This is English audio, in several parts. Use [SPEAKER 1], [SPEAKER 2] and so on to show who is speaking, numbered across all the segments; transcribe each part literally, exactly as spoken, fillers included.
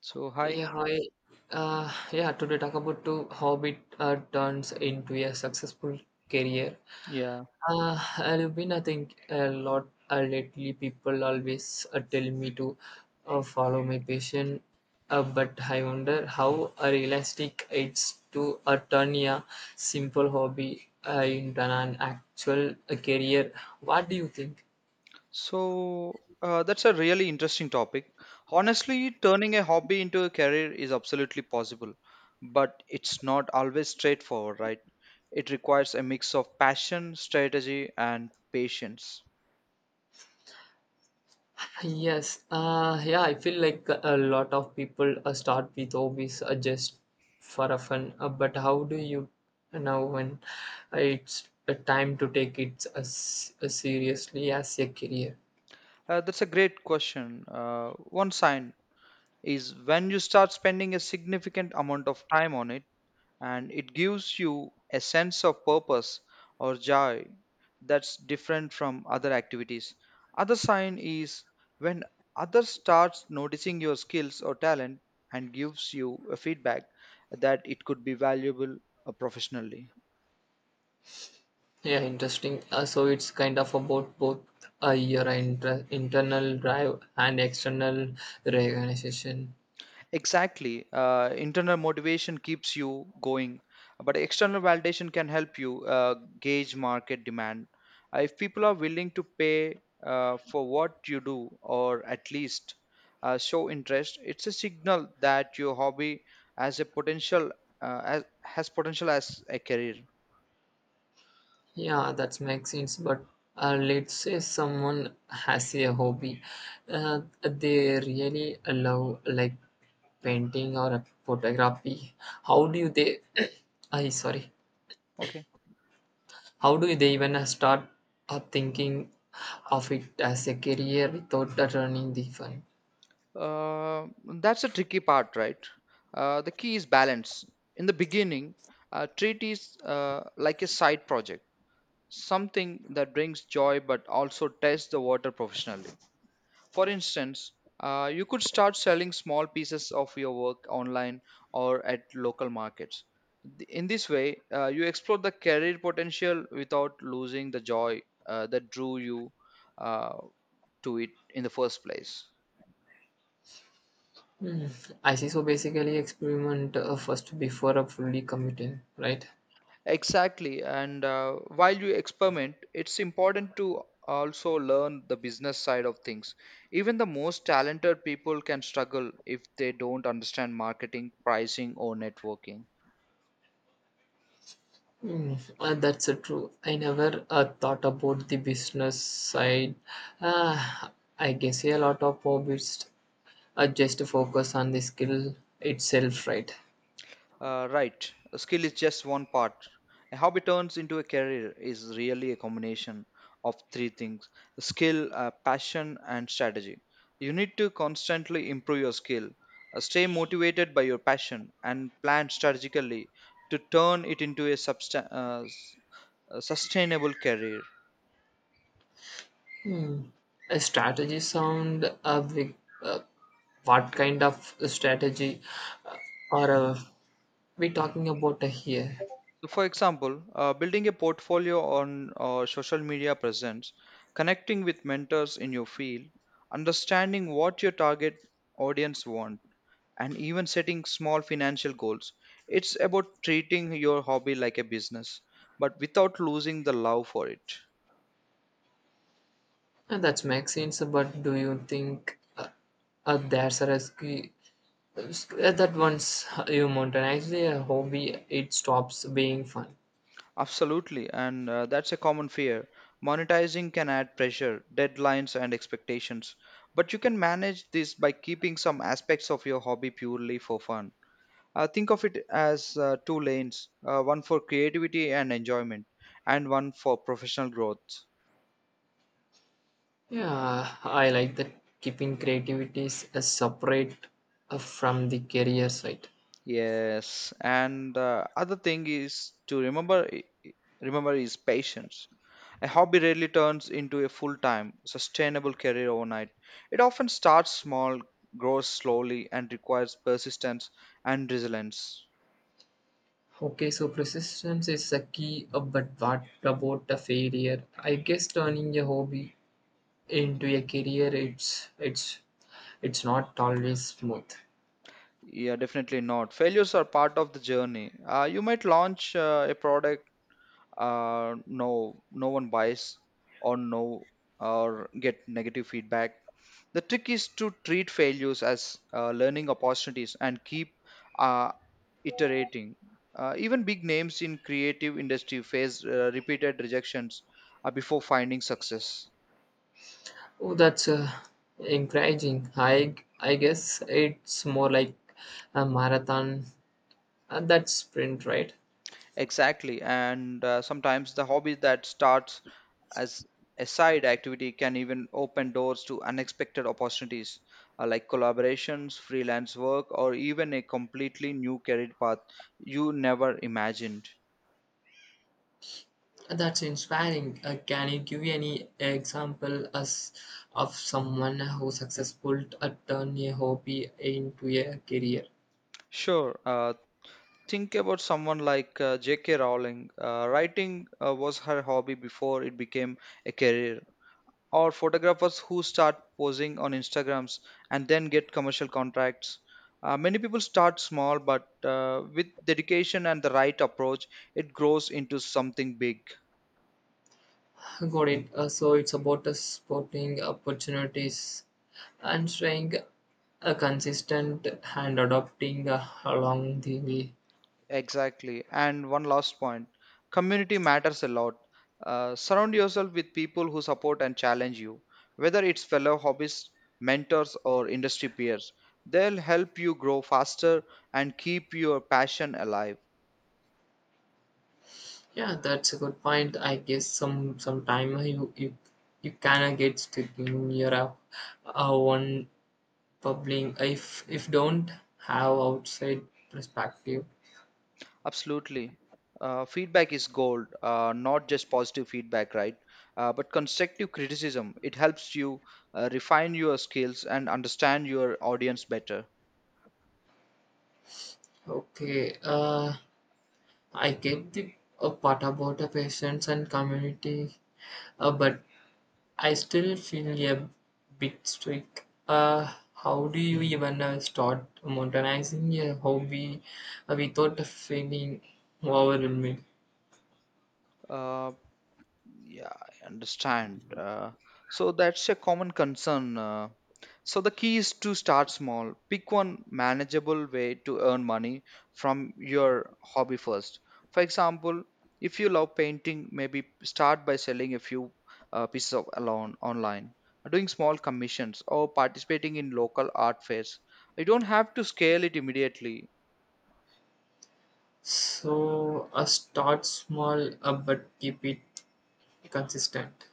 [SPEAKER 1] So, hi.
[SPEAKER 2] Yeah, hi. Uh, yeah, today talk about to how it uh, turns into a successful career.
[SPEAKER 1] Yeah.
[SPEAKER 2] Uh, I've been, I think, a lot uh, lately. People always uh, tell me to uh, follow my passion, uh, but I wonder how uh, realistic it's to uh, turn a simple hobby uh, into an actual uh, career. What do you think?
[SPEAKER 1] So, uh, that's a really interesting topic. Honestly, turning a hobby into a career is absolutely possible, but it's not always straightforward, right? It requires a mix of passion, strategy, and patience.
[SPEAKER 2] Yes, uh, yeah, I feel like a lot of people uh, start with hobbies uh, just for a fun, uh, but how do you know when it's a time to take it as, as seriously as a career?
[SPEAKER 1] Uh, that's a great question. Uh, one sign is when you start spending a significant amount of time on it, and it gives you a sense of purpose or joy that's different from other activities. Other sign is when others starts noticing your skills or talent and gives you a feedback that it could be valuable uh, professionally.
[SPEAKER 2] Yeah, interesting. Uh, so it's kind of about both uh, your inter- internal drive and external recognition.
[SPEAKER 1] Exactly. Uh, internal motivation keeps you going, but external validation can help you uh, gauge market demand. Uh, if people are willing to pay uh, for what you do, or at least uh, show interest, it's a signal that your hobby has a potential uh, as, has potential as a career.
[SPEAKER 2] Yeah, that makes sense. But uh, let's say someone has a hobby uh, they really love, like painting or photography. How do you they? I sorry.
[SPEAKER 1] Okay.
[SPEAKER 2] How do they even uh, start uh, thinking of it as a career without uh, running the fun?
[SPEAKER 1] Uh, that's a tricky part, right? Uh, the key is balance. In the beginning, uh, treat is uh, like a side project, something that brings joy but also tests the water professionally. For instance, uh, you could start selling small pieces of your work online or at local markets. Th- In this way, uh, you explore the career potential without losing the joy uh, that drew you uh, to it in the first place.
[SPEAKER 2] Hmm. I see. So basically, experiment uh, first before uh, fully committing, right?
[SPEAKER 1] Exactly. And uh, while you experiment, it's important to also learn the business side of things. Even the most talented people can struggle if they don't understand marketing, pricing, or networking.
[SPEAKER 2] Mm, uh, that's uh, true. I never uh, thought about the business side. Uh, I guess a lot of hobbits are just to focus on the skill itself, right?
[SPEAKER 1] Uh, right. A skill is just one part. A hobby turns into a career is really a combination of three things: skill, uh, passion, and strategy. You need to constantly improve your skill, uh, stay motivated by your passion, and plan strategically to turn it into a, substan- uh, s- a sustainable career.
[SPEAKER 2] Hmm. A strategy sound uh, big, uh, what kind of strategy uh, are uh, we talking about here?
[SPEAKER 1] So, for example, uh, building a portfolio on uh, social media presence, connecting with mentors in your field, understanding what your target audience want, and even setting small financial goals. It's about treating your hobby like a business, but without losing the love for it.
[SPEAKER 2] And that makes sense, but do you think uh, uh, there's a risk? Uh, that once you mountain actually a hobby it stops being fun.
[SPEAKER 1] Absolutely, and uh, that's a common fear. Monetizing can add pressure, deadlines, and expectations, but you can manage this by keeping some aspects of your hobby purely for fun. Uh, think of it as uh, two lanes, uh, one for creativity and enjoyment, and one for professional growth.
[SPEAKER 2] Yeah, I like that, keeping creativity is a separate uh, from the career side.
[SPEAKER 1] Yes, and uh, other thing is to remember, i- i- remember is patience. A hobby rarely turns into a full time, sustainable career overnight. It often starts small, grows slowly, and requires persistence and resilience.
[SPEAKER 2] Okay, so persistence is a key, uh, but what about a failure? I guess turning a hobby into a career, it's it's it's not always smooth.
[SPEAKER 1] Yeah, definitely not. Failures are part of the journey. Uh, you might launch uh, a product, uh, no no one buys, or no or get negative feedback. The trick is to treat failures as uh, learning opportunities and keep uh, iterating. Uh, even big names in creative industry face uh, repeated rejections uh, before finding success.
[SPEAKER 2] Oh, that's uh, encouraging. i i guess it's more like a marathon. Uh, that's print, right?
[SPEAKER 1] Exactly. And uh, sometimes the hobby that starts as a side activity can even open doors to unexpected opportunities, uh, like collaborations, freelance work, or even a completely new career path you never imagined.
[SPEAKER 2] That's inspiring. Uh, can you give any example as of someone who successful at turn a hobby into a career?
[SPEAKER 1] Sure, uh, think about someone like uh, J K. Rowling. Uh, writing uh, was her hobby before it became a career, or photographers who start posing on Instagrams and then get commercial contracts. Uh, many people start small, but uh, with dedication and the right approach, it grows into something big.
[SPEAKER 2] Got it. Uh, so it's about uh, spotting opportunities and staying uh, consistent and adopting uh, along the way.
[SPEAKER 1] Exactly. And one last point: community matters a lot. Uh, surround yourself with people who support and challenge you, whether it's fellow hobbyists, mentors, or industry peers. They'll help you grow faster and keep your passion alive.
[SPEAKER 2] Yeah, that's a good point. I guess some sometime you you you can get stuck in your uh, uh, one bubbling if if don't have outside perspective.
[SPEAKER 1] Absolutely. Uh, feedback is gold, uh, not just positive feedback, right? Uh, but constructive criticism. It helps you uh, refine your skills and understand your audience better.
[SPEAKER 2] Okay, uh I get the uh, part about the patients and community, uh, but I still feel a bit stuck. Uh how do you even uh, start modernizing a hobby uh, without feeling overwhelmed?
[SPEAKER 1] Uh, Yeah, I understand. Uh, so that's a common concern. Uh, so the key is to start small. Pick one manageable way to earn money from your hobby first. For example, if you love painting, maybe start by selling a few uh, pieces of alone online, doing small commissions, or participating in local art fairs. You don't have to scale it immediately.
[SPEAKER 2] So uh, start small, uh, but keep it consistent.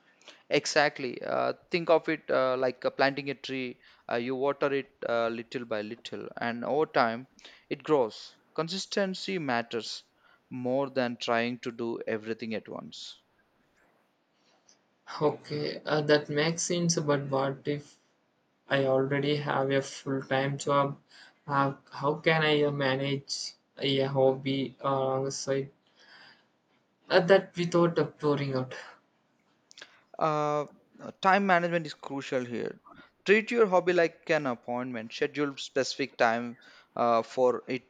[SPEAKER 1] Exactly. Uh, think of it uh, like uh, planting a tree. Uh, you water it uh, little by little, and over time, it grows. Consistency matters more than trying to do everything at once.
[SPEAKER 2] Okay, uh, that makes sense, but what if I already have a full-time job. How, how can I uh, manage a hobby alongside uh, that without uh, pouring out?
[SPEAKER 1] Uh, Time management is crucial here. Treat your hobby like an appointment. Schedule specific time uh, for it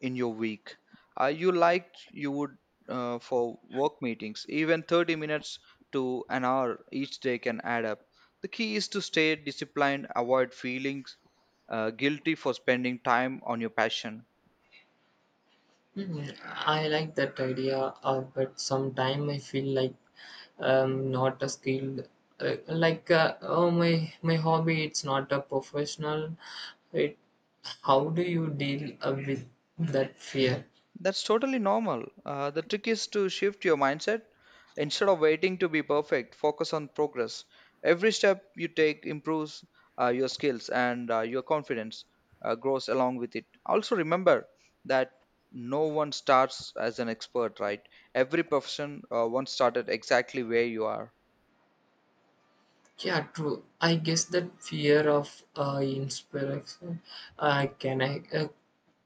[SPEAKER 1] in your week, uh, you like you would uh, for work meetings. Even thirty minutes to an hour each day can add up. The key is to stay disciplined, avoid feelings uh, guilty for spending time on your passion.
[SPEAKER 2] Hmm, I like that idea, uh, but sometimes I feel like um, not a skilled. Uh, like uh, oh my my hobby it's not a professional it. How do you deal uh, with that fear?
[SPEAKER 1] That's totally normal. Uh, the trick is to shift your mindset. Instead of waiting to be perfect, focus on progress. Every step you take improves uh, your skills, and uh, your confidence uh, grows along with it. Also, remember that no one starts as an expert, right? Every profession uh, once started exactly where you are.
[SPEAKER 2] Yeah, true. I guess that fear of uh, inspiration uh, can I uh,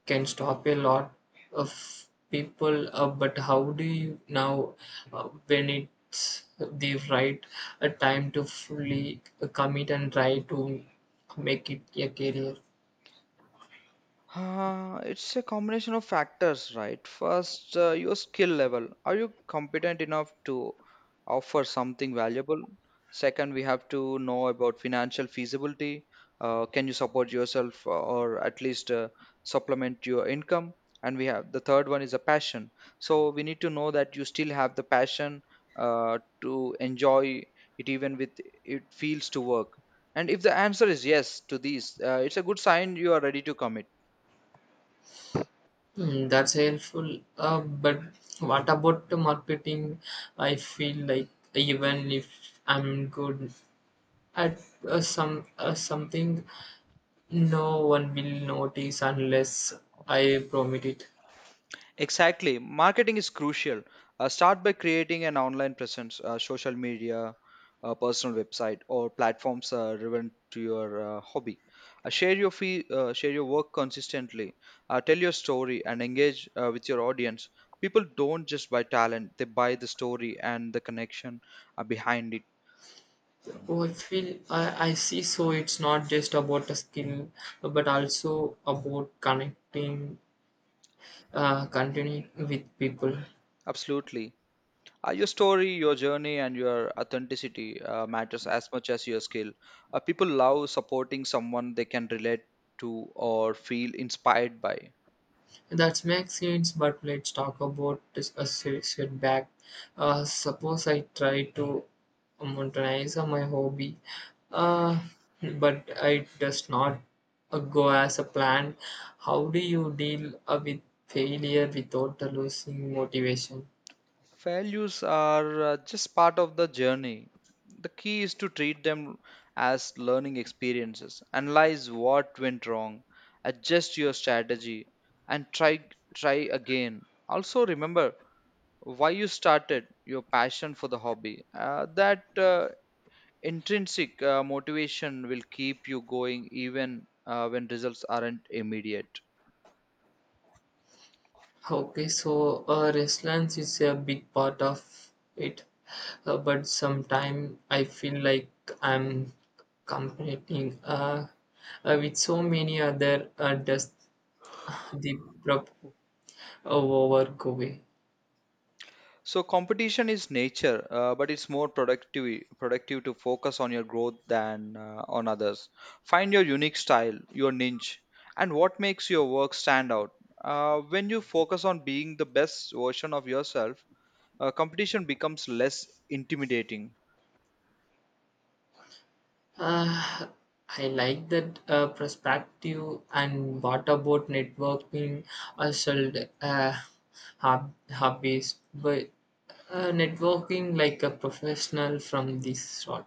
[SPEAKER 2] can stop a lot of people. Uh, but how do you now uh, when it's the right uh, time to fully commit and try to make it a career?
[SPEAKER 1] Uh, it's a combination of factors, right? First, uh, your skill level. Are you competent enough to offer something valuable? Second, we have to know about financial feasibility. Uh, can you support yourself uh, or at least uh, supplement your income? And we have the third one is a passion. So we need to know that you still have the passion uh, to enjoy it, even with it feels to work. And if the answer is yes to these, uh, it's a good sign you are ready to commit.
[SPEAKER 2] Hmm, that's helpful. Uh, but what about the marketing? I feel like even if I'm good at uh, some uh, something. No one will notice unless I prompt it.
[SPEAKER 1] Exactly. Marketing is crucial. Uh, start by creating an online presence, uh, social media, uh, personal website, or platforms uh, relevant to your uh, hobby. Uh, share your fee, uh, share your work consistently. Uh, tell your story and engage uh, with your audience. People don't just buy talent; they buy the story and the connection uh, behind it.
[SPEAKER 2] Oh, I feel I, I see. So it's not just about a skill, but also about connecting, uh, continuing with people.
[SPEAKER 1] Absolutely. Uh, your story, your journey, and your authenticity uh, matters as much as your skill. Uh, people love supporting someone they can relate to or feel inspired by.
[SPEAKER 2] That makes sense, but let's talk about discuss it setback. Uh, suppose I try to monetize my hobby, uh, but it does not uh, go as a plan. How do you deal uh, with failure without losing motivation?
[SPEAKER 1] Failures are uh, just part of the journey. The key is to treat them as learning experiences, analyze what went wrong, adjust your strategy, and try try again. Also remember why you started, your passion for the hobby. Uh, that uh, intrinsic uh, motivation will keep you going even uh, when results aren't immediate.
[SPEAKER 2] Okay, so uh, resilience is a big part of it, uh, but sometimes I feel like I'm competing uh, uh, with so many other uh, does the prop over go away.
[SPEAKER 1] So competition is nature, uh, but it's more productive productive to focus on your growth than uh, on others. Find your unique style, your niche, and what makes your work stand out. Uh, when you focus on being the best version of yourself, uh, competition becomes less intimidating.
[SPEAKER 2] Uh, I like that uh, perspective. And what about networking? I should uh, hub hobbies, but uh, networking like a professional from this sort.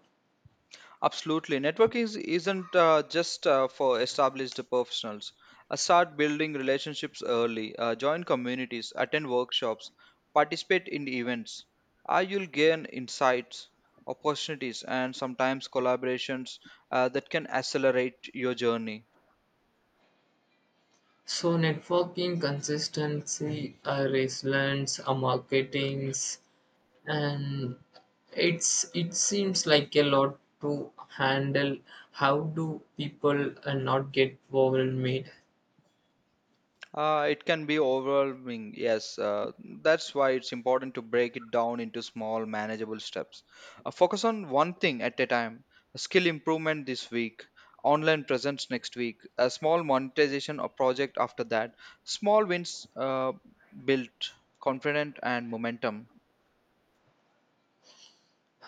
[SPEAKER 1] Absolutely. Networking is, isn't uh, just uh, for established professionals. Uh, start building relationships early, uh, join communities, attend workshops, participate in events. Uh, you'll gain insights, opportunities, and sometimes collaborations uh, that can accelerate your journey.
[SPEAKER 2] So networking consistency, uh, resilience, uh, marketings, and it's it seems like a lot to handle. How do people uh, not get overwhelmed?
[SPEAKER 1] Uh, it can be overwhelming, yes. Uh, that's why it's important to break it down into small, manageable steps. Uh, focus on one thing at a time: skill improvement this week, online presence next week, a small monetization or project after that. Small wins uh, build confidence and momentum.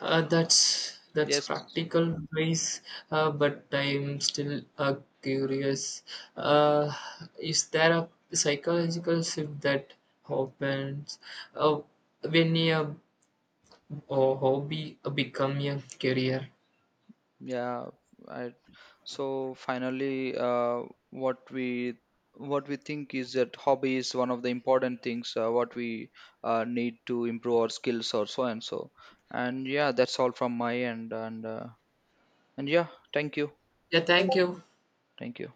[SPEAKER 2] Uh, that's that's
[SPEAKER 1] Yes.
[SPEAKER 2] practical ways, uh, but I'm still uh, curious. Uh, is there a psychological shift that happens uh, when a, a hobby become a career?
[SPEAKER 1] Yeah, I, so finally, uh, what we what we think is that hobby is one of the important things uh, what we uh, need to improve our skills or so and so. And yeah, that's all from my end. And uh, and yeah, thank you,
[SPEAKER 2] Yeah, thank you.
[SPEAKER 1] thank you.